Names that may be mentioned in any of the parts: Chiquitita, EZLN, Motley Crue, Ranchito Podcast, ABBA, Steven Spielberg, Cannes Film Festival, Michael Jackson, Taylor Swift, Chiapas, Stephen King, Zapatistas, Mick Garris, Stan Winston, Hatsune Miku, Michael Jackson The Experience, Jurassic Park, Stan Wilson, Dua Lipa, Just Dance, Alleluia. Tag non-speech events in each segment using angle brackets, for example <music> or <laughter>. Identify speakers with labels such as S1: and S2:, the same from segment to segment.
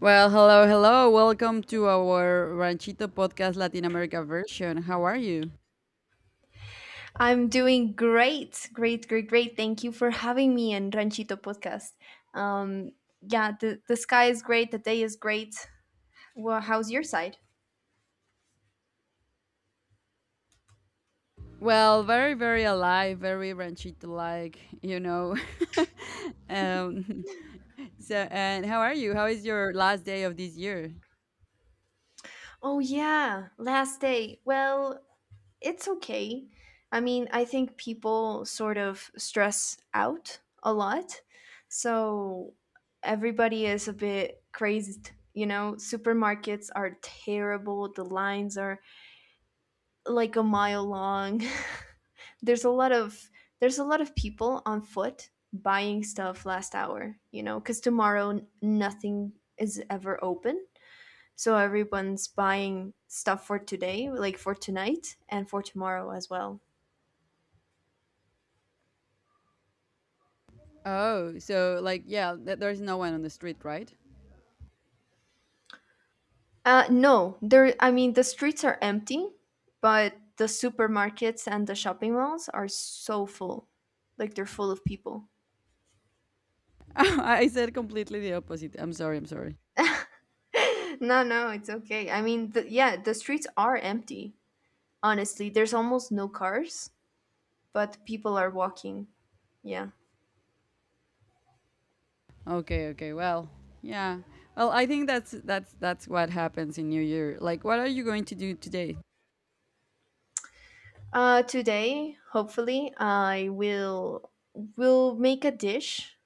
S1: Well, hello, hello. Welcome to our Ranchito Podcast Latin America version. How are you?
S2: I'm doing great, great, great, great. Thank you for having me in Ranchito Podcast. Um, yeah, the sky is great, the day is great. Well, how's your side?
S1: Well, very, very alive, very Ranchito like, you know. <laughs> um, so, and how are you? How is your last day of this year?
S2: Oh, yeah, last day. Well, it's okay. I mean, I think people sort of stress out a lot. So everybody is a bit crazed. You know, supermarkets are terrible, the lines are like a mile long. <laughs> there's a lot of there's a lot of people on foot buying stuff last hour, cuz tomorrow nothing is ever open. So everyone's buying stuff for today, like for tonight and for tomorrow as well.
S1: Oh, so like, yeah, there's no one on the street, right?
S2: No, there I mean the streets are empty, but the supermarkets and the shopping malls are so full. Like they're full of people. <laughs>
S1: <laughs> I said completely the opposite. I'm sorry, I'm sorry.
S2: No, no, it's okay. I mean, yeah, the streets are empty. Honestly, there's almost no cars, but people are walking. Yeah.
S1: Okay, okay. Well, yeah. Well, I think that's what happens in New Year. Like, what are you going to do today?
S2: Today, hopefully, I will make a dish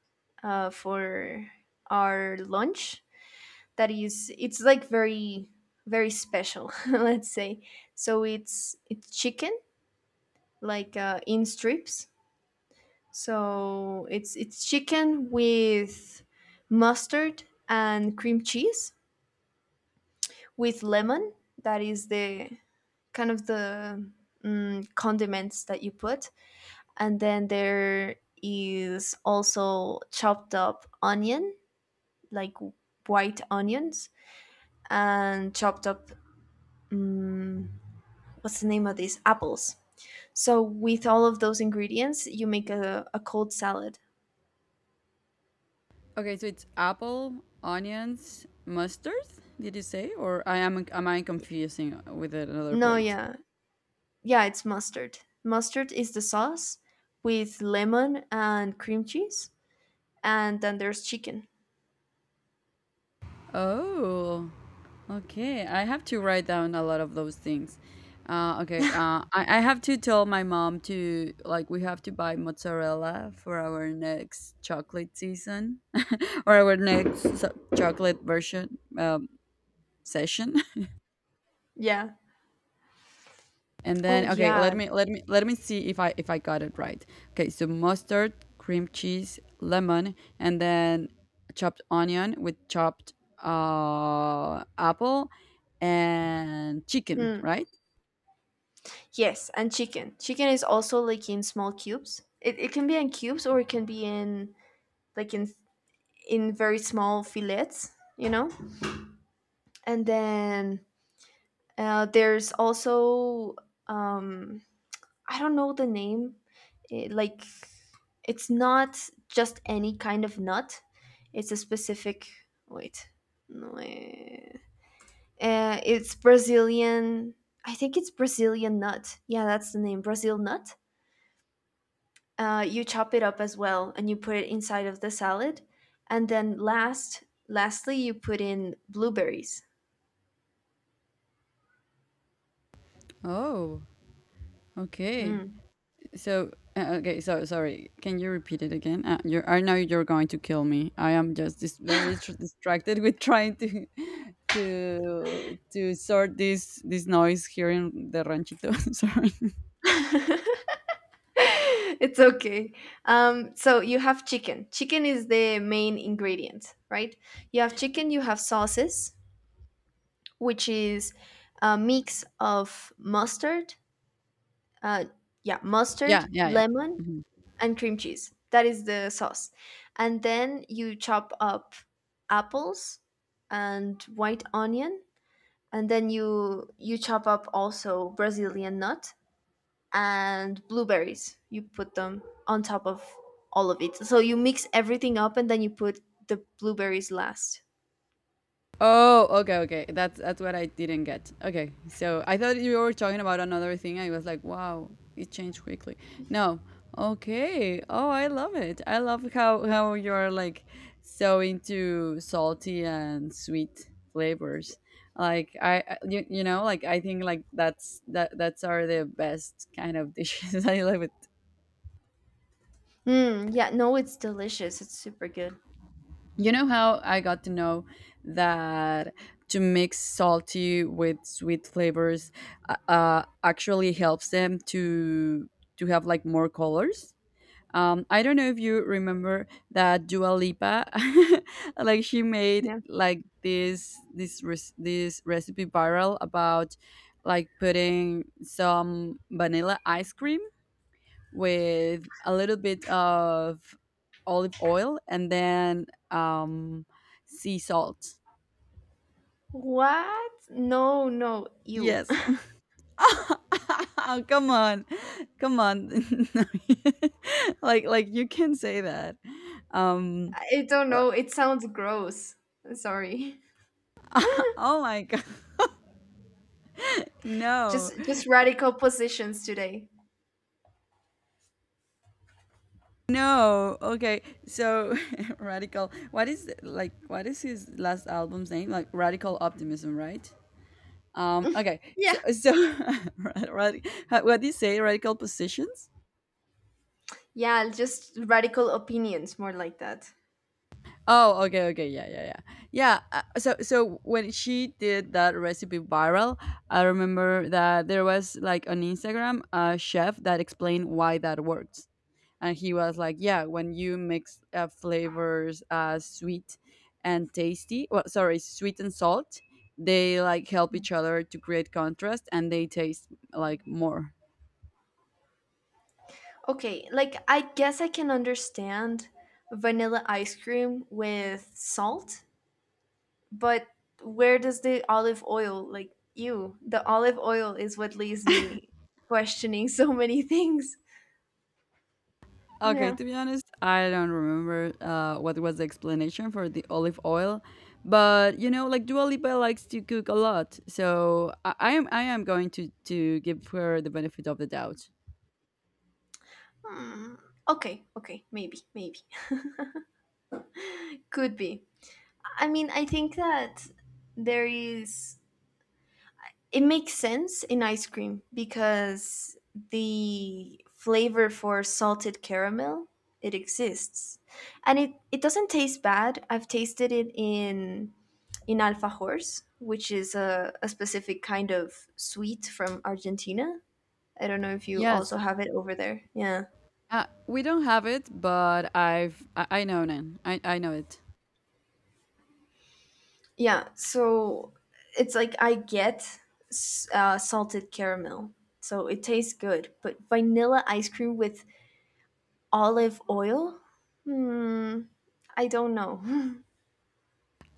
S2: for our lunch that is it's like very very special <laughs> let's say, so it's chicken, like in strips. So it's chicken with mustard and cream cheese with lemon. That is the kind of the condiments that you put, and then there is also chopped up onion, like white onions, and chopped up, mm, what's the name of these apples. So with all of those ingredients, you make a cold salad.
S1: Okay, so it's apple, onions, mustard. Did you say, or I am I confusing with another
S2: No,
S1: plate?
S2: yeah, yeah, it's mustard. Mustard is the sauce with lemon and cream cheese, and then there's chicken.
S1: Oh, okay. I have to write down a lot of those things. Okay,
S2: <laughs>
S1: I have to tell my mom to, like, we have to buy mozzarella for our next chocolate season <laughs> or our next chocolate version session. <laughs>
S2: Yeah.
S1: And
S2: Oh,
S1: then okay, let
S2: yeah.
S1: me let me let me see if I got it right. Okay, so mustard, cream cheese, lemon, and then chopped onion with chopped apple and chicken,
S2: Hmm.
S1: right?
S2: Yes, and chicken. Chicken is also like in small cubes. It can be in cubes or it can be in like in very small fillets, you know? And then there's also um I don't know the name. Like it's not just any kind of nut. It's a specific, wait. No. Eh. It's Brazilian I think it's Brazilian nut. Yeah, that's the name. Brazil nut. You chop it up as well and you put it inside of the salad, and then lastly you put in blueberries.
S1: Oh, okay.
S2: Mm.
S1: So okay, so sorry. Can you repeat it again? You, I know you're going to kill me. I am just distracted <laughs> with trying to <laughs> to sort this noise here in the ranchito. <laughs> sorry.
S2: <laughs> It's okay. So you have chicken is the main ingredient, right? You have chicken, you have sauces, which is a mix of mustard, uh, yeah, mustard,
S1: Yeah, yeah, yeah.
S2: lemon
S1: Mhm.
S2: and cream cheese. That is the sauce. And then you chop up apples and white onion, and then you chop up also Brazilian nut and blueberries. You put them on top of all of it. So you mix everything up and then you put the blueberries last.
S1: Oh, okay, okay. That's what I didn't get. Okay, so I thought you were talking about another thing. I was like, wow, it changed quickly. No, okay. Oh, I love it. I love how you're like so into salty and sweet flavors. Like you know, like I think like that's are the best kind of dishes. <laughs> I love it.
S2: Mm, yeah, no, it's delicious. It's super good.
S1: You know how I got to know that to mix salty with sweet flavors actually helps them to have like more colors. I don't know if you remember that Dua Lipa, <laughs> like she made
S2: Yeah.
S1: like this recipe viral about like putting some vanilla ice cream with a little bit of olive oil and then um, sea salt.
S2: What? No, no, you.
S1: Yes.
S2: <laughs>
S1: <laughs> Oh, come on. Come on. <laughs> Like you can say that. Um
S2: I don't know. It sounds gross. Sorry.
S1: oh my god. <laughs> No.
S2: Just radical positions today.
S1: No. Okay. So <laughs> radical. What is like what is his last album's name? Like Radical Optimism, right? Okay. So
S2: Yeah.
S1: so <laughs> what do you say? Radical Positions?
S2: Yeah, just radical opinions, more like that.
S1: Oh, okay, okay, yeah, yeah, yeah, yeah. So when she did that recipe viral, I remember that there was like on Instagram a chef that explained why that works, and he was like, "Yeah, when you mix flavors, sweet and tasty, well, sorry, sweet and salt, they like help each other to create contrast, and they taste like more."
S2: Okay, like I guess I can understand vanilla ice cream with salt, but where does the olive oil like you? The olive oil is what leaves me questioning <laughs> so many things.
S1: Okay,
S2: Yeah.
S1: to be honest, I don't remember what was the explanation for the olive oil, but you know, like Dua Lipa likes to cook a lot, so I am going to give her the benefit of the doubt.
S2: Hmm. Okay, okay, maybe, maybe. Could be. I mean, I think that there is, it makes sense in ice cream because the flavor for salted caramel it exists. And it doesn't taste bad. I've tasted it in alfajores, which is a specific kind of sweet from Argentina. I don't know if you also
S1: Yes,
S2: have it over there. Yeah.
S1: we don't have it, but I know Nan. I know it.
S2: Yeah, so it's like I get salted caramel, so it tastes good. But vanilla ice cream with olive oil? Hmm, I don't know. <laughs>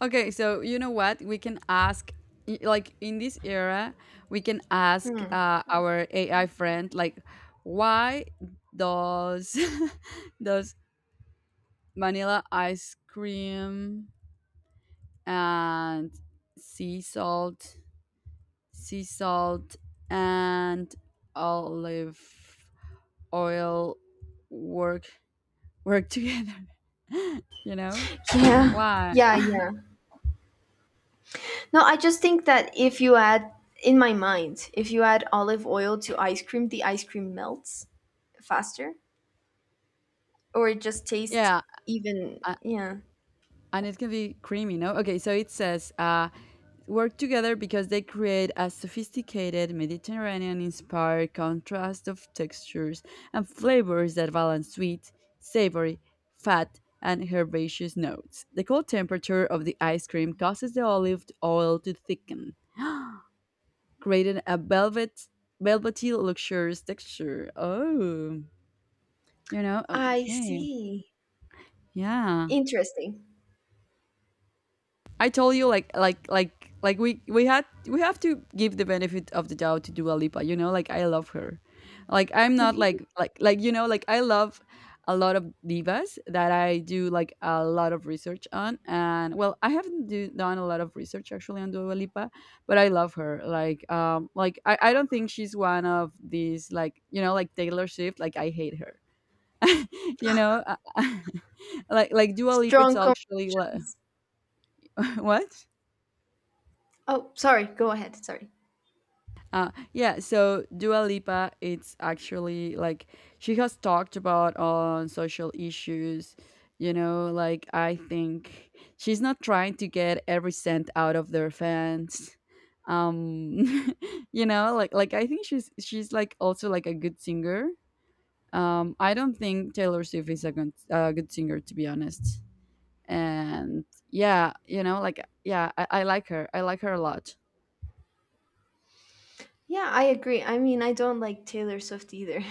S1: Okay, so you know what? We can ask like in this era, we can ask our AI friend like, why does <laughs> does vanilla ice cream and sea salt, sea salt and olive oil work work together, <laughs> you know?
S2: Yeah,
S1: Why?
S2: yeah, yeah. No, I just think that if you add, in my mind, if you add olive oil to ice cream, the ice cream melts faster, or it just tastes
S1: Yeah,
S2: even,
S1: uh,
S2: yeah.
S1: and it can be creamy, no? Okay, so it says work together because they create a sophisticated Mediterranean inspired contrast of textures and flavors that balance sweet, savory, fat, and herbaceous notes. The cold temperature of the ice cream causes the olive oil to thicken, <gasps> creating a velvety, luxurious texture. Oh, you know,
S2: I
S1: okay.
S2: see.
S1: Yeah.
S2: Interesting.
S1: I told you like we had we have to give the benefit of the doubt to Dua Lipa. You know, like I love her. Like I'm not
S2: <laughs>
S1: you know like I love a lot of divas that I do like a lot of research on. And well, I haven't done a lot of research actually on Dua Lipa, but I love her. Like I don't think she's one of these like you know like Taylor Swift. Like I hate her. <laughs> you know, <laughs> like Dua Lipa. It's
S2: Strong
S1: actually like,
S2: conclusions.
S1: <laughs> what.
S2: Oh, sorry. Go ahead. Sorry.
S1: Yeah, so Dua Lipa, it's actually like she has talked about on social issues. You know, like I think she's not trying to get every cent out of their fans. Um, <laughs> you know, like I think she's like also like a good singer. I don't think Taylor Swift is a good singer to be honest. And yeah, you know, like yeah, I like her. I like her a lot.
S2: Yeah, I agree. I mean, I don't like Taylor Swift either.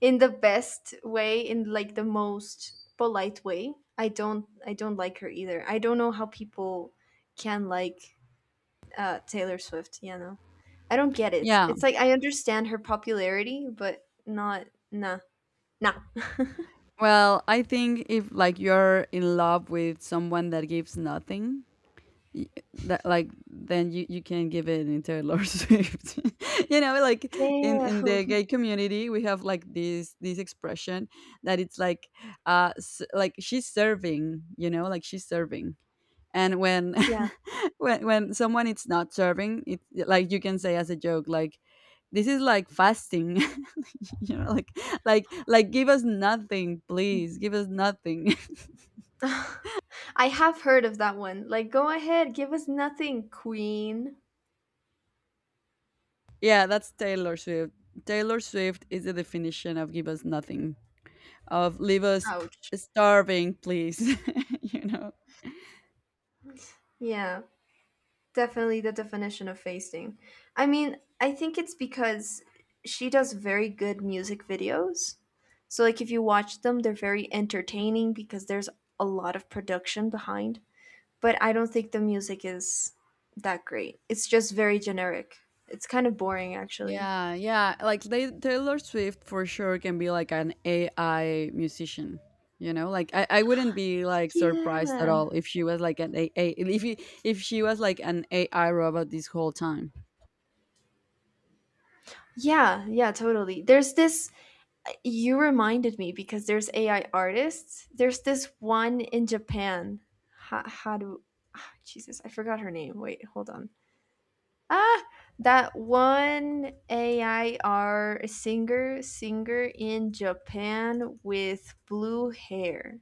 S2: In the best way, in like the most polite way, I don't I don't like her either. I don't know how people can like Taylor Swift, you know. I don't get it.
S1: Yeah,
S2: It's like I understand her popularity, but not, nah, nah.
S1: well, I think if like you're in love with someone that gives nothing, y- that like then you can give it in Taylor <laughs> Swift. <laughs> you know, like in the
S2: Damn.
S1: gay community, we have like this expression that it's like like she's serving. You know, like she's serving. And when
S2: <laughs> Yeah.
S1: <laughs> when someone is not serving, it's like you can say as a joke like. This is like fasting, <laughs> <laughs> you know like give us nothing please give us nothing
S2: <laughs> I have heard of that one. Like, go ahead, give us nothing, queen.
S1: <laughs> yeah that's Taylor Swift. Taylor Swift is the definition of give us nothing, of leave us
S2: Ouch.
S1: starving please. <laughs> you know.
S2: Yeah, definitely the definition of facing. I mean, I think it's because she does very good music videos. So like if you watch them, they're very entertaining because there's a lot of production behind. But I don't think the music is that great. It's just very generic. It's kind of boring actually.
S1: Yeah, yeah, like they, Taylor Swift for sure can be like an AI musician. You know, like I wouldn't be like surprised at
S2: Yeah.
S1: all if she was like an ai if, he, if she was like an ai robot this whole time.
S2: Yeah, yeah, totally. There's this, you reminded me because there's AI artists. There's this one in Japan. How do, ah, Jesus? I forgot her name. Wait, hold on. Ah, that one AI R singer in Japan with blue hair.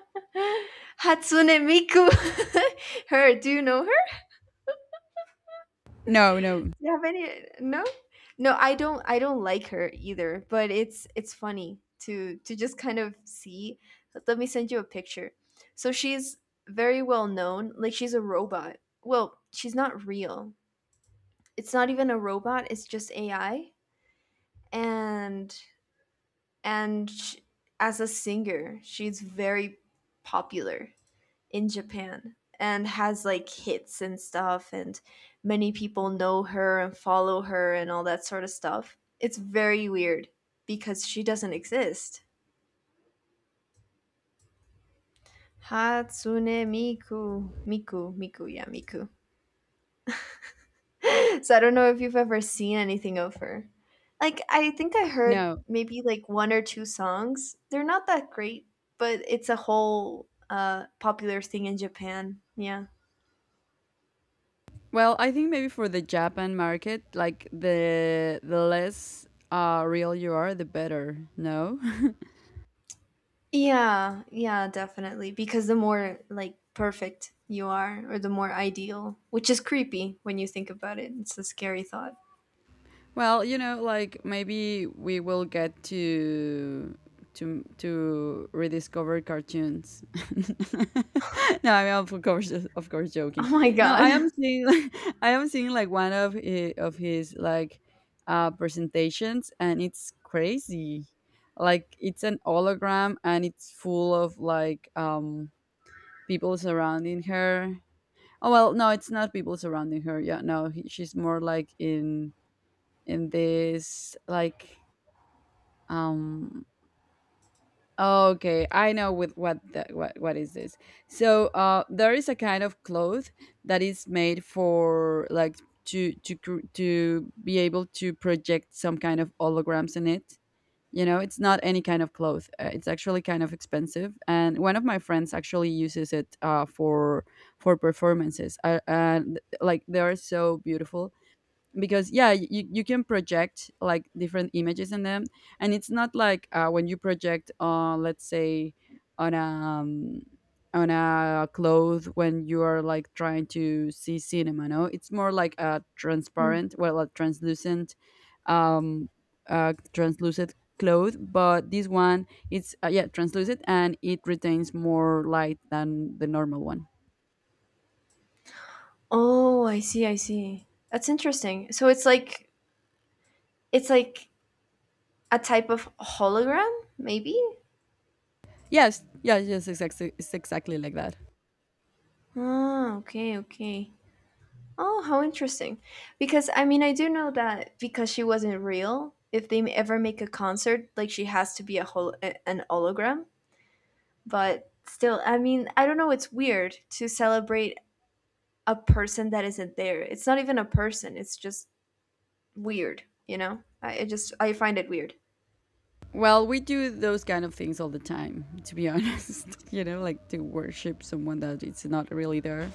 S2: <gasps> <laughs> Hatsune Miku. <laughs> Her. Do you know,
S1: No, no,
S2: do you have any, no, no, I don't I don't like her either, but it's funny to just kind of see. Let me send you a picture. So she's very well known, like she's a robot. Well, she's not real. It's not even a robot, it's just AI. And and sh as a singer she's very popular in Japan and has like hits and stuff, and many people know her and follow her and all that sort of stuff. It's very weird because she doesn't exist. Hatsune Miku. Miku, Miku, yeah, Miku. <laughs> So I don't know if you've ever seen anything of her. Like I think I heard
S1: no.
S2: maybe like one or two songs. They're not that great, but it's a whole popular thing in Japan. Yeah.
S1: Well, I think maybe for the Japan market, like the less real you are, the better. No,
S2: Yeah, yeah, definitely. Because the more like perfect you are, or the more ideal, which is creepy when you think about it. It's a scary thought. <laughs>
S1: <laughs> well, you know, like maybe we will get to to rediscover cartoons. <laughs> no, I mean, of course,
S2: Oh
S1: joking.
S2: my
S1: No, I
S2: god.
S1: am seeing, <laughs> I am seeing like one of of his like presentations, and it's crazy. Like it's an hologram, and it's full of like people surrounding her. Oh well, no, it's not people surrounding her. Yeah, no, she's more like in this like um okay, I know with what what is this. So there is a kind of cloth that is made for like to to be able to project some kind of holograms in it, you know. It's not any kind of cloth, it's actually kind of expensive and one of my friends actually uses it for performances, and like they are so beautiful because yeah you can project like different images in them, and it's not like when you project on, let's say, on a um, on a cloth when you are like trying to see cinema. No, it's more like a
S2: Mm.
S1: transparent, well, a translucent um translucent cloth, but this one it's yeah, translucent, and it retains more light than the normal one.
S2: Oh, I see, I see. That's interesting. So it's like, it's like a type of hologram, maybe?
S1: Yes, yes, yes, exactly, it's exactly like that.
S2: Oh, okay, okay. Oh, how interesting. Because I mean, I do know that because she wasn't real, if they ever make a concert, like she has to be a an hologram. But still, I mean, I don't know, it's weird to celebrate a person that isn't there. It's not even a person, it's just weird, you know? I just I find it weird.
S1: Well, we do those kind of things all the time, to be honest. <laughs> You know, like to worship someone that it's not really there.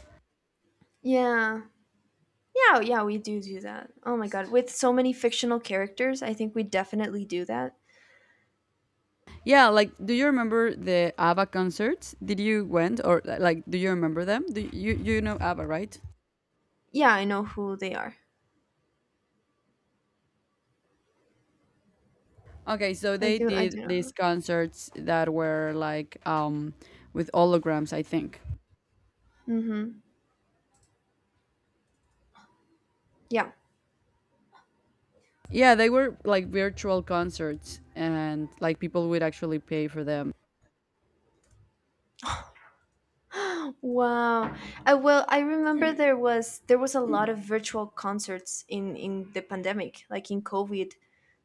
S2: Yeah. Yeah, yeah, we do do that. Oh my god, with so many fictional characters, I think we definitely do that.
S1: Yeah, like do you remember the ABBA concerts? Did you went or like do you remember them? Do you know ABBA, right?
S2: Yeah, I know who they are.
S1: Okay, so they
S2: I
S1: did
S2: do know.
S1: these concerts that were like with holograms, I think.
S2: Mhm. Yeah.
S1: Yeah, they were like virtual concerts and like people would actually pay for them.
S2: <laughs> Wow. Well, I remember there was a lot of virtual concerts in the pandemic, like in COVID.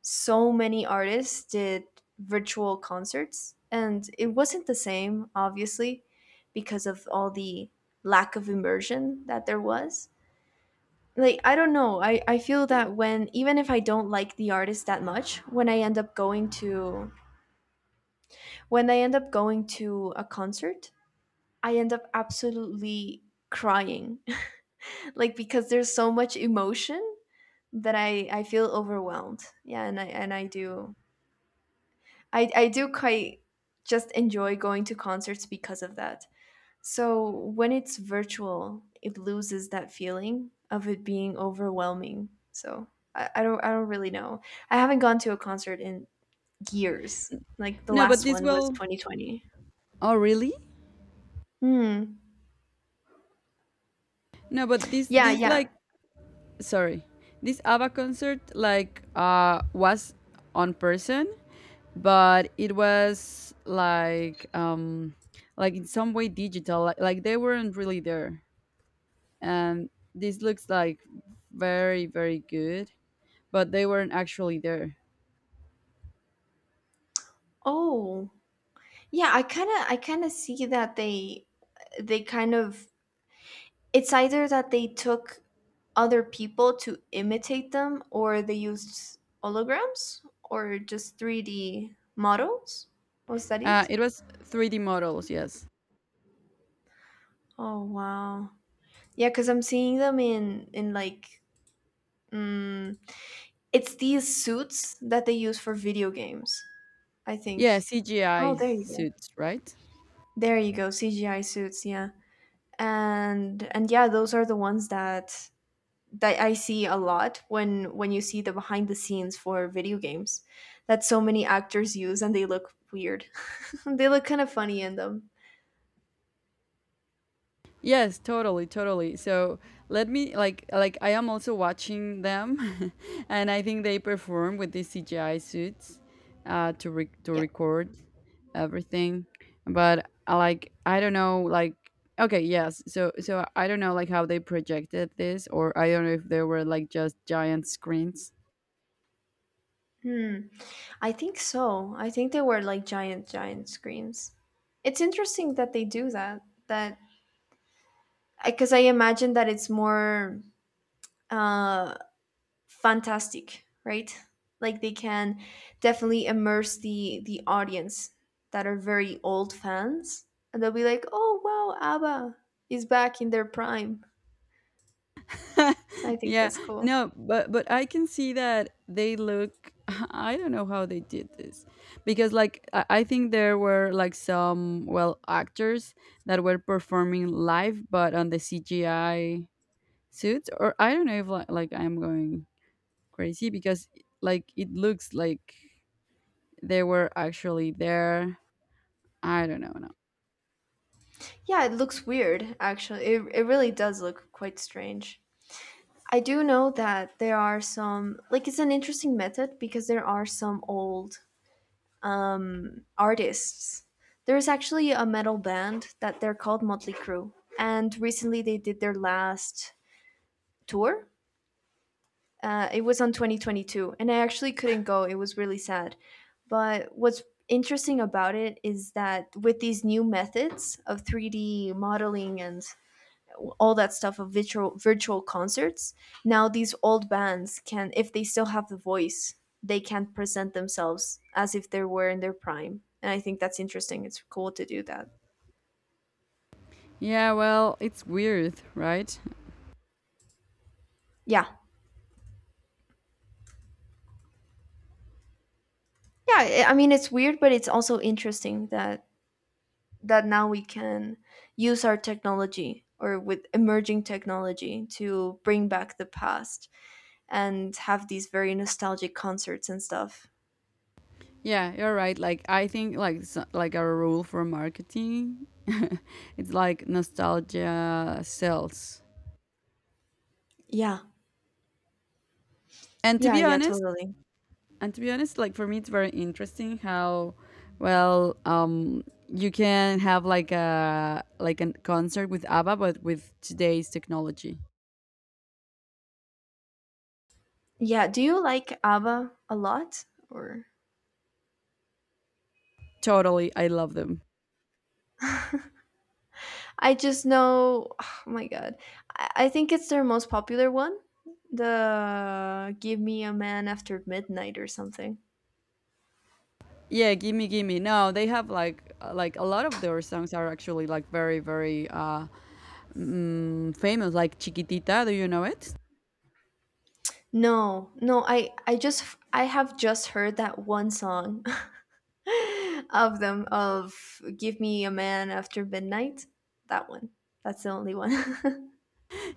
S2: So many artists did virtual concerts, and it wasn't the same, obviously, because of all the lack of immersion that there was. Like, I don't know. I feel that when, even if I don't like the artist that much, when I end up going to a concert, I end up absolutely crying, like because there's so much emotion that I feel overwhelmed. Yeah, and I do I do quite just enjoy going to concerts because of that. So when it's virtual, it loses that feeling of it being overwhelming. So I don't really know. I haven't gone to a concert in years. Like the
S1: No, but
S2: last
S1: this
S2: one was
S1: will.
S2: 2020.
S1: Oh, really?
S2: Hmm.
S1: No, but
S2: Yeah,
S1: these
S2: yeah.
S1: like, sorry, this ABBA concert like was on person, but it was like in some way digital, like they weren't really there, and this looks like very very good, but they weren't actually there.
S2: Oh. Yeah, I kind of see that they kind of, it's either that they took other people to imitate them, or they used holograms, or just 3D models. Was that
S1: Uh,
S2: it?
S1: it was 3D models, yes.
S2: Oh wow. Yeah, because I'm seeing them in like, mm, it's these suits that they use for video games. I
S1: Yeah,
S2: think. Oh,
S1: cgi
S2: there you go.
S1: suits, right.
S2: There you go. CGI suits. Yeah, and yeah, those are the ones that I see a lot when you see the behind the scenes for video games that so many actors use, and they look weird. <laughs> They look kind of funny in them.
S1: Yes, totally, totally. So let me like I am also watching them, <laughs> and I think they perform with these CGI suits to to
S2: Yeah.
S1: record everything. But like I don't know, like okay, yes. So so I don't know like how they projected this, or I don't know if they were like just giant screens.
S2: Hmm. I think so. I think they were like giant giant screens. It's interesting that they do that, because I imagine that it's more uh fantastic, right? Like they can definitely immerse the audience that are very old fans, and they'll be like, "Oh wow, ABBA is back in their prime."
S1: <laughs>
S2: I think
S1: yeah.
S2: that's cool.
S1: No, but but I can see that they look <laughs> I don't know how they did this, because like I think there were like some, well, actors that were performing live but on the CGI suits, or I don't know if like, like I'm going crazy because like it looks like they were actually there. I don't know, no.
S2: Yeah, it looks weird actually. It really does look quite strange. I do know that there are some, like it's an interesting method because there are some old, artists. There's actually a metal band that they're called Motley Crue, and recently they did their last tour. It was on 2022, and I actually couldn't go. It was really sad. But what's interesting about it is that with these new methods of 3D modeling and all that stuff of virtual concerts, now these old bands can, if they still have the voice, they can present themselves as if they were in their prime, and I think that's interesting. It's cool to do that.
S1: Yeah, well, it's weird, right?
S2: Yeah, yeah, I mean it's weird but it's also interesting that now we can use our technology, or with emerging technology, to bring back the past and have these very nostalgic concerts and stuff.
S1: Yeah, you're right. Like I think like like a rule for marketing, <laughs> it's like nostalgia sells.
S2: Yeah,
S1: And to
S2: yeah,
S1: be
S2: yeah,
S1: honest,
S2: totally.
S1: and to be honest, like for me it's very interesting how well um you can have like a concert with ABBA but with today's technology.
S2: Yeah, do you like ABBA a lot? Or
S1: Totally, I love them.
S2: I just know, <sighs> oh my God, I think it's their most popular one. The "Give Me a Man After Midnight" or something.
S1: Yeah, gimme gimme. No, they have like a lot of their songs are actually like very famous like Chiquitita, do you know it?
S2: No, no, I have just heard that one song <laughs> of them, of "Give Me a Man After Midnight." That one. That's the only one. <laughs>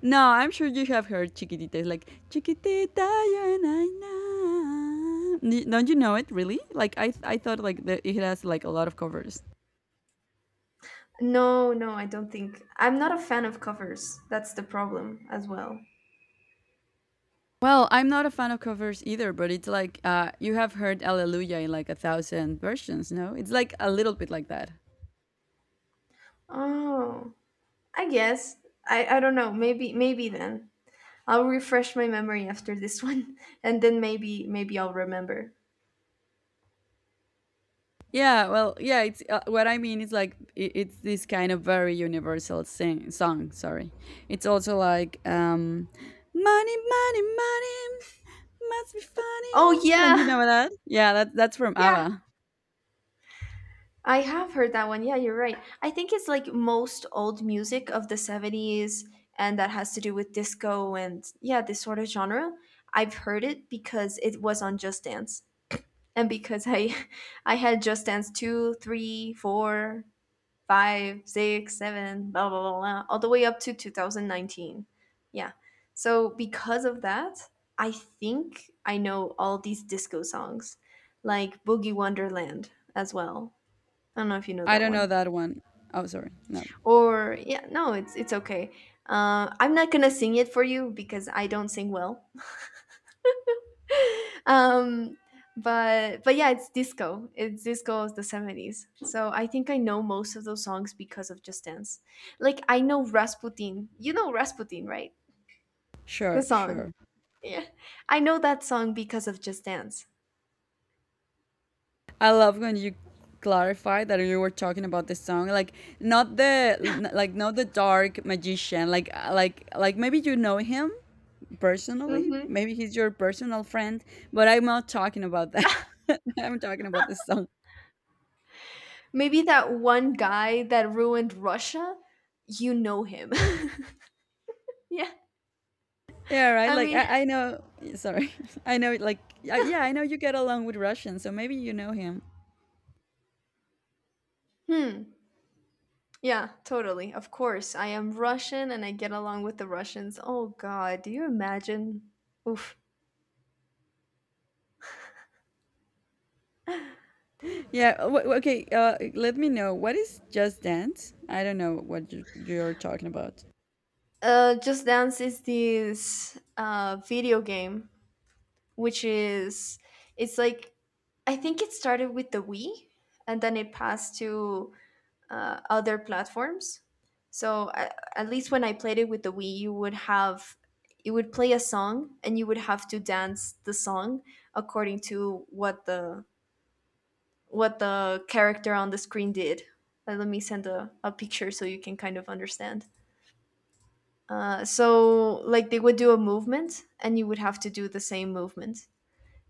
S1: No, I'm sure you have heard Chiquitita. It's like Chiquitita, ya, na, na. Don't you know it really? Like I thought like that it has like a lot of covers.
S2: No, no, I don't think, I'm not a fan of covers. That's the problem as well.
S1: Well, I'm not a fan of covers either, but it's like you have heard Alleluia in like a thousand versions. No, it's like a little bit like that.
S2: Oh, I guess. I don't know. Maybe then. I'll refresh my memory after this one <laughs> and then maybe I'll remember.
S1: Yeah, well, yeah, it's what I mean is like it's this kind of very universal song, sorry. It's also like money money money must be funny.
S2: Oh
S1: Don't you
S2: yeah.
S1: know
S2: <laughs>
S1: that? Yeah, that's from
S2: Yeah.
S1: ABBA.
S2: I have heard that one. Yeah, you're right. I think it's like most old music of the 70s, and that has to do with disco and, yeah, this sort of genre. I've heard it because it was on Just Dance, and because I <laughs> I had Just Dance 2, 3, 4 five, six, seven, blah, blah, blah, blah, all the way up to 2019. Yeah. So because of that, I think I know all these disco songs, like Boogie Wonderland as well. I don't know if you know
S1: I
S2: that
S1: don't know
S2: one.
S1: that one. Oh, sorry. No.
S2: Or yeah, no, it's okay. I'm not gonna sing it for you because I don't sing well. um but yeah, it's disco of the 70s, so I think I know most of those songs because of Just Dance. Like I know Rasputin. You know Rasputin, right? The
S1: Sure,
S2: song.
S1: sure.
S2: Yeah, I know that song because of Just Dance.
S1: I love when you clarify that you were talking about the song like not the not the dark magician like maybe you know him personally.
S2: hmm
S1: Maybe he's your personal friend, but I'm not talking about that. <laughs> I'm talking about this song.
S2: Maybe that one guy that ruined Russia, you know him. <laughs> Yeah,
S1: Yeah, right.
S2: I
S1: Like
S2: mean.
S1: I know. Sorry, <laughs> I know. Like yeah, I know you get along with Russians, so maybe you know him.
S2: Hmm. Yeah, totally. Of course I am Russian and I get along with the Russians. Oh god, do you imagine? Oof.
S1: Yeah. Okay. Let me know. What is Just Dance? I don't know what you're talking about.
S2: Just Dance is this video game, which is, it's like, I think it started with the Wii, and then it passed to other platforms. So at least when I played it with the Wii, you would play a song, and you would have to dance the song according to what the character on the screen did. Let me send a picture so you can kind of understand. So like they would do a movement and you would have to do the same movement,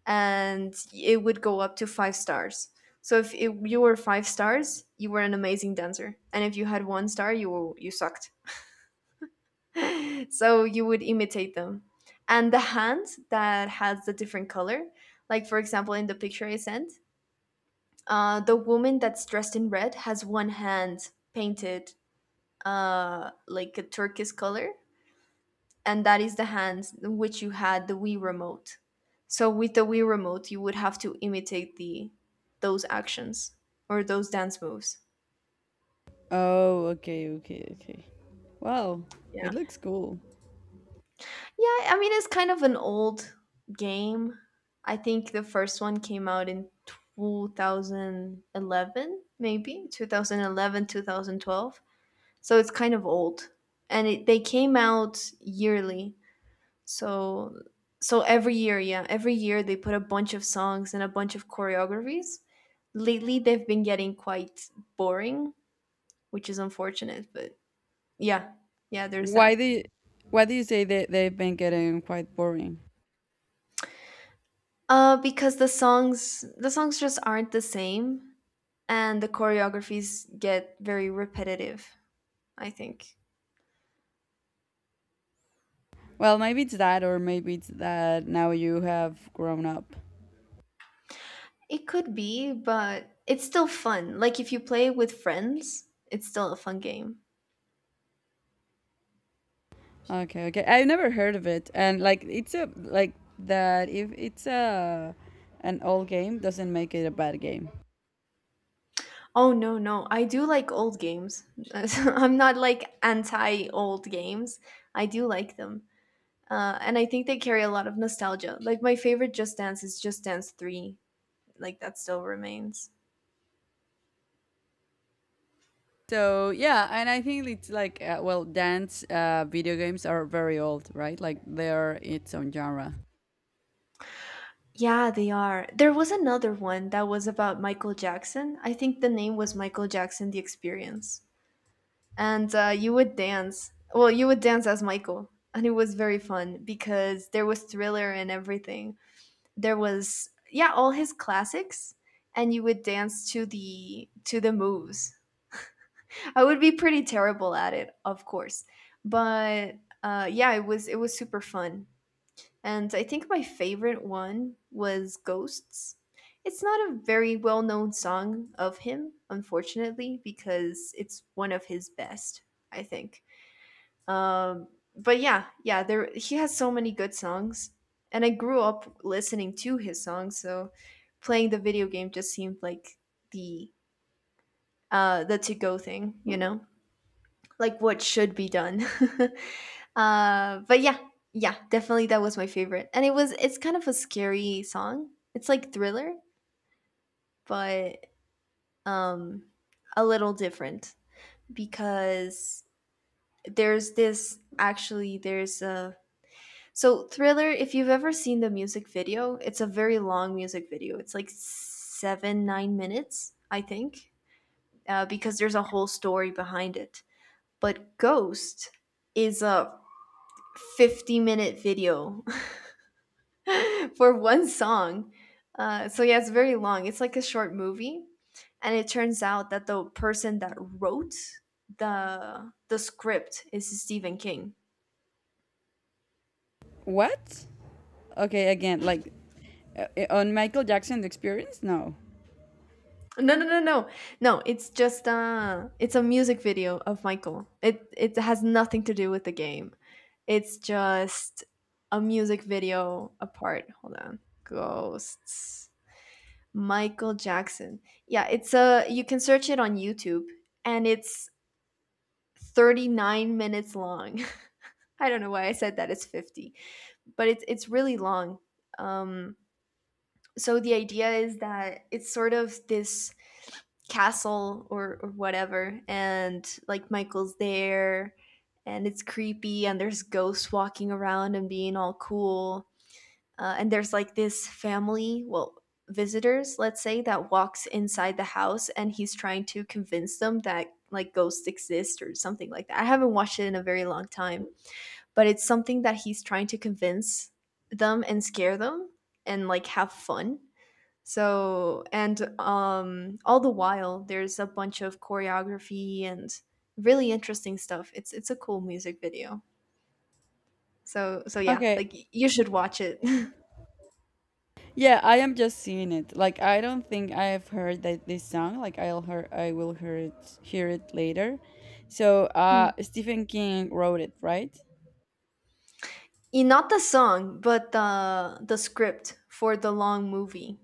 S2: and it would go up to five stars. So if it, you were five stars you were an amazing dancer, and if you had one star you were, you sucked. <laughs> So you would imitate them. And the hand that has the different color, like for example in the picture I sent, the woman that's dressed in red has one hand painted, like a turquoise color, and that is the hands in which you had the Wii remote. So with the Wii remote, you would have to imitate the those actions, or those dance moves.
S1: Oh, okay. Wow,
S2: Yeah.
S1: it looks cool.
S2: Yeah, I mean it's kind of an old game. I think the first one came out in 2011, maybe 2011, 2012. So it's kind of old. And it, they came out yearly. So so every year, yeah, every year they put a bunch of songs and a bunch of choreographies. Lately they've been getting quite boring, which is unfortunate, but yeah. Yeah, there's
S1: Why do
S2: that.
S1: you, why do you say that they've been getting quite boring?
S2: Because the songs just aren't the same, and the choreographies get very repetitive, I think.
S1: Well, maybe it's that, or maybe it's that now you have grown up.
S2: It could be, but it's still fun. Like if you play with friends, it's still a fun game.
S1: Okay, okay. I've never heard of it, and like it's a like that. If it's a an old game, doesn't make it a bad game.
S2: Oh no, no. I do like old games. <laughs> I'm not like anti old games. I do like them. And I think they carry a lot of nostalgia. Like my favorite Just Dance is Just Dance 3. Like that still remains.
S1: So yeah, and I think it's like well, dance video games are very old, right? Like they're its own genre.
S2: Yeah, they are. There was another one that was about Michael Jackson. I think the name was Michael Jackson The Experience. And you would dance. Well, you would dance as Michael. And it was very fun because there was Thriller and everything. There was, yeah, all his classics. And you would dance to the moves. I would be pretty terrible at it, of course. But yeah, it was super fun. And I think my favorite one was Ghosts. It's not a very well known song of him, unfortunately, because it's one of his best, I think. um, but yeah, yeah, there, he has so many good songs, and I grew up listening to his songs, so playing the video game just seemed like the the to go thing, you know, like what should be done. <laughs> But yeah, yeah, definitely that was my favorite, and it's kind of a scary song. It's like Thriller, but um, a little different because there's this actually there's a. So, Thriller, if you've ever seen the music video, it's a very long music video. It's like seven, 9 minutes, I think, because there's a whole story behind it. But Ghost is a 50-minute video <laughs> for one song. So, yeah, it's very long. It's like a short movie. And it turns out that the person that wrote the script is Stephen King.
S1: What? Okay, again, like on Michael Jackson experience? No.
S2: No, no, no, no, no. It's just it's a music video of Michael. It has nothing to do with the game. It's just a music video apart. Hold on, Ghosts. Michael Jackson. Yeah, it's a. You can search it on YouTube, and it's 39 minutes long. <laughs> I don't know why I said that. It's 50, but it's really long. Um, so the idea is that it's sort of this castle or whatever, and like Michael's there, and it's creepy, and there's ghosts walking around and being all cool. And there's like this family, well, visitors, let's say, that walks inside the house, and he's trying to convince them that like ghosts exist or something like that. I haven't watched it in a very long time. But it's something that he's trying to convince them and scare them and like have fun. So, and all the while, there's a bunch of choreography and really interesting stuff. It's a cool music video. So yeah,
S1: Okay,
S2: like you should watch it. <laughs>
S1: yeah, I am just seeing it. Like I don't think I've heard that this song. Like I will hear it later. So
S2: Hmm.
S1: Stephen King wrote it, right?
S2: Not the song, but the script for the long movie,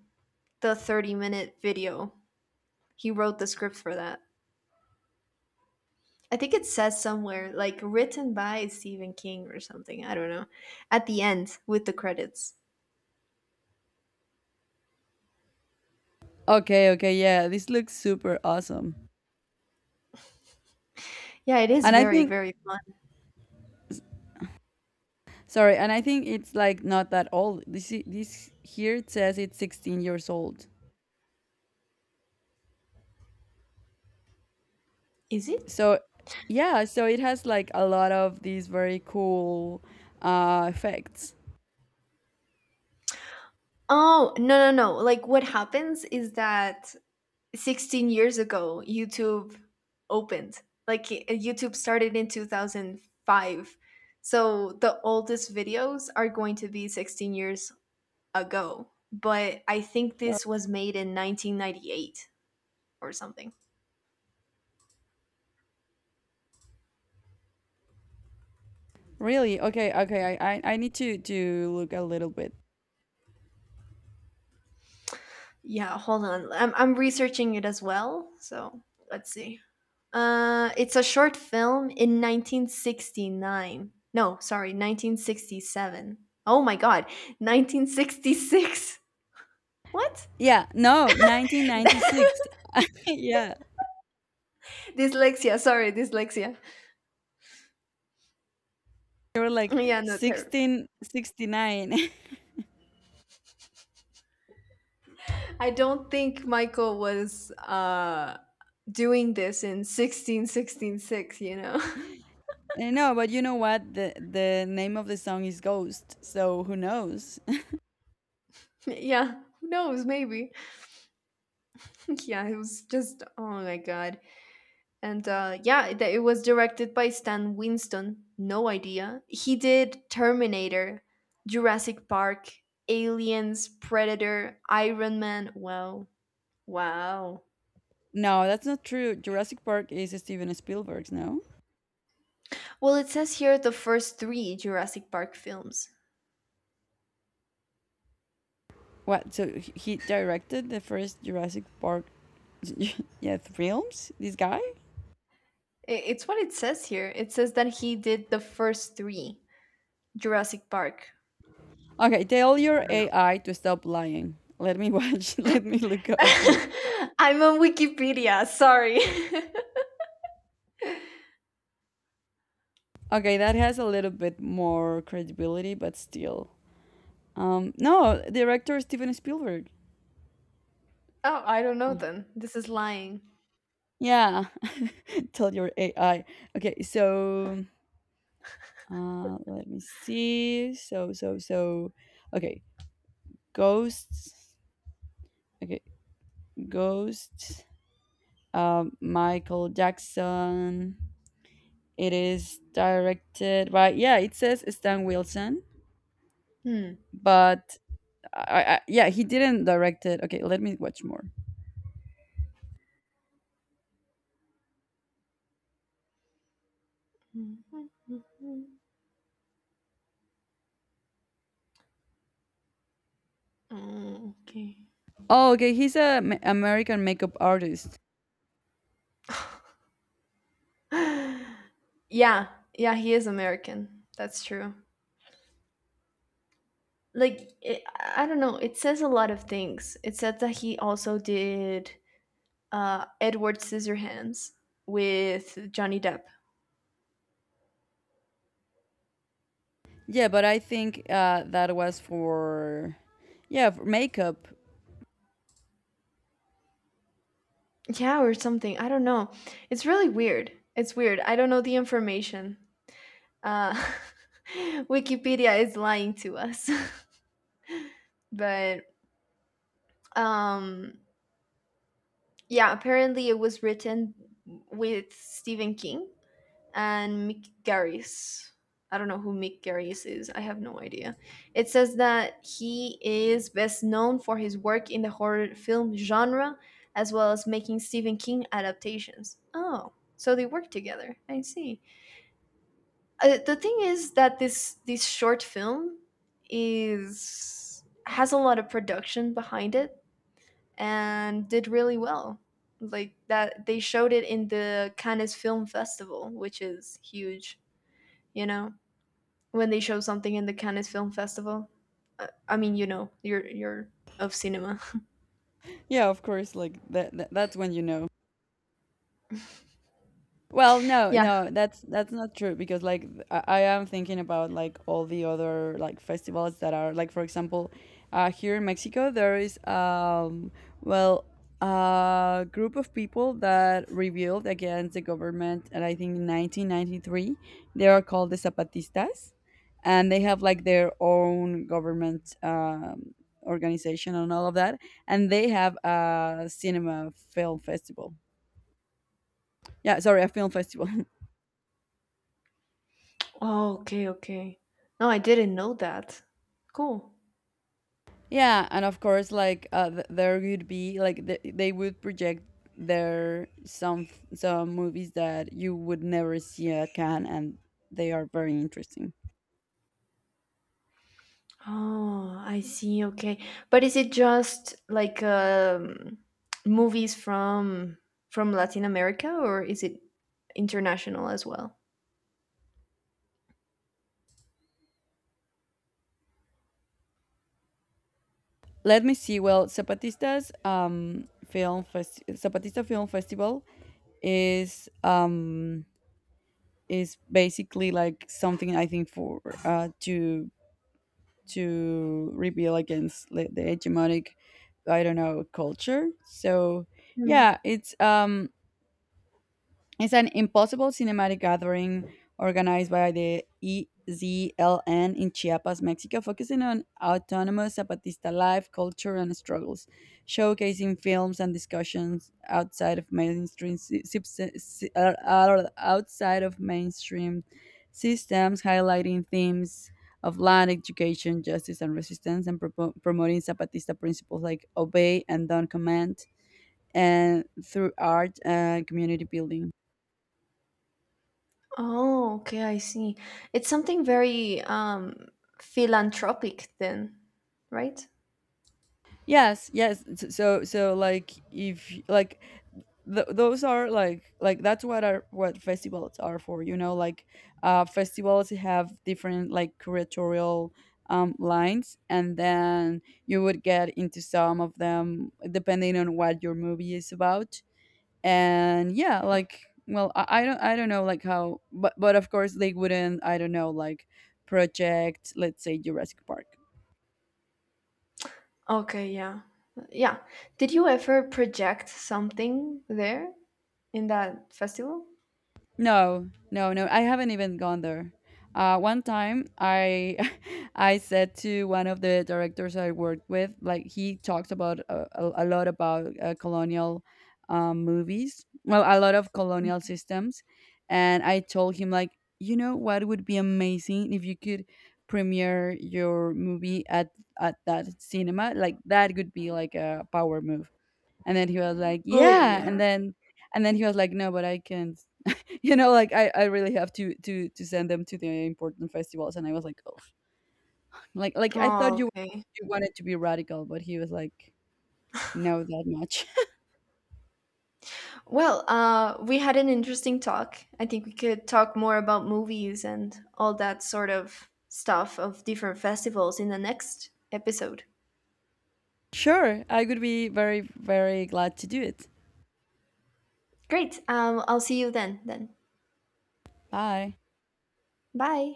S2: the 30-minute video. He wrote the script for that. I think it says somewhere like written by Stephen King or something. I don't know. At the end with the credits.
S1: Okay, okay, yeah. This looks super awesome.
S2: Yeah, it is
S1: And I
S2: very
S1: think
S2: very fun.
S1: sorry, and I think it's like not that old. This here it says it's 16 years old.
S2: Is it?
S1: So yeah, so it has like a lot of these very cool effects.
S2: Oh, no, no, no. Like what happens is that 16 years ago, YouTube opened. Like YouTube started in 2005. So the oldest videos are going to be 16 years ago. But I think this was made in 1998 or something.
S1: Really? Okay, okay. I need to look a little bit
S2: Yeah, hold on. I'm researching it as well. So let's see. It's a short film in 1969. No, sorry, 1967. Oh my god, 1966. What?
S1: yeah, no,
S2: <laughs>
S1: 1996. <laughs> Yeah.
S2: Dyslexia. Sorry, dyslexia.
S1: They were like
S2: Yeah, no, terrible.
S1: 1669.
S2: I don't think Michael was doing this in 16166, you know.
S1: And no, <laughs> but you know what? The name of the song is Ghost, so who knows? <laughs>
S2: <laughs> Yeah, who knows, maybe. <laughs> Yeah, it was just oh my god. And yeah, it was directed by Stan Winston. No idea. He did Terminator, Jurassic Park, Aliens, Predator, Iron Man. Wow. Wow.
S1: No, that's not true. Jurassic Park is Steven Spielberg's, no?
S2: Well, it says here the first three Jurassic Park films.
S1: What? So he directed the first Jurassic Park <laughs> yeah, films? This guy?
S2: It's what it says here. It says that he did the first three Jurassic Park.
S1: Okay, tell
S2: I
S1: your
S2: don't know.
S1: AI to stop lying. Let me watch. <laughs> Let me look up for
S2: <laughs> I'm on Wikipedia. Sorry. <laughs>
S1: okay, that has a little bit more credibility, but still. No, director Steven Spielberg.
S2: Oh, I don't know
S1: Oh,
S2: then. This is lying.
S1: yeah, <laughs> tell your AI. Okay, so let me see. Okay, ghosts. Okay, ghosts. Michael Jackson. It is directed by yeah. It says Stan Wilson,
S2: Hmm.
S1: but yeah, he didn't direct it. Okay, let me watch more.
S2: Oh, okay.
S1: Oh, okay, he's a American makeup artist.
S2: <gasps> <sighs> Yeah, yeah, he is American. That's true. Like it, I don't know. It says a lot of things. It said that he also did Edward Scissorhands with Johnny Depp.
S1: Yeah, but I think that was for yeah for makeup.
S2: Yeah, or something. I don't know. It's really weird. It's weird. I don't know the information. Uh, <laughs> Wikipedia is lying to us. <laughs> but um, yeah, apparently it was written with Stephen King and Mick Garris. I don't know who Mick Garris is. I have no idea. It says that he is best known for his work in the horror film genre, as well as making Stephen King adaptations. Oh, so they work together. I see. The thing is that this short film is has a lot of production behind it and did really well. Like that, they showed it in the Cannes Film Festival, which is huge. You know when they show something in the Cannes Film Festival. I mean, you know, you're of cinema. <laughs>
S1: Yeah, of course. Like that. That's when you know. Well,
S2: Yeah.
S1: no, that's not true because like I am thinking about like all the other like festivals that are like for example, here in Mexico there is well a group of people that rebelled against the government and I think in 1993 they are called the Zapatistas and they have like their own government organization and all of that and they have a cinema film festival. Yeah, sorry, a film festival. <laughs>
S2: Oh, okay, okay. No, I didn't know that. Cool.
S1: Yeah, and of course, like there would be like they would project their some movies that you would never see at Cannes, and they are very interesting.
S2: Oh, I see. Okay, but is it just like movies from Latin America, or is it international as well?
S1: Let me see. Well, Zapatista Film Festival is um is basically like something I think for to rebel against the hegemonic I don't know culture. So
S2: Hmm.
S1: yeah, it's it's an impossible cinematic gathering organized by the EZLN in Chiapas, Mexico, focusing on autonomous Zapatista life, culture, and struggles, showcasing films and discussions outside of mainstream outside of mainstream systems, highlighting themes of land, education, justice, and resistance, and propo promoting Zapatista principles like obey and don't command, and through art and community building.
S2: Oh, okay, I see. It's something very philanthropic then, right?
S1: Yes, yes. So so like if like th- those are like that's what are what festivals are for, you know, like festivals have different like curatorial lines and then you would get into some of them depending on what your movie is about. And yeah, like well I don't know like how but of course they wouldn't I don't know like project let's say Jurassic Park.
S2: Okay, yeah. Yeah. Did you ever project something there in that festival?
S1: No, no, no. I haven't even gone there. One time, I <laughs> I said to one of the directors I worked with, like he talked about a lot about colonial movies. Well, a lot of colonial systems, and I told him like, you know, what would be amazing if you could premiere your movie at that cinema. Like that could be like a power move. And then he was like,
S2: Oh,
S1: yeah.
S2: yeah.
S1: And then he was like, no, but I can't you know like I really have to to send them to the important festivals and I was like oh like I thought
S2: Oh,
S1: you
S2: okay.
S1: you wanted to be radical but he was like no that much.
S2: Well, we had an interesting talk. I think we could talk more about movies and all that sort of stuff of different festivals in the next episode.
S1: <laughs> Sure, I would be very very glad to do it.
S2: Great. I'll see you then. Then.
S1: Bye.
S2: Bye.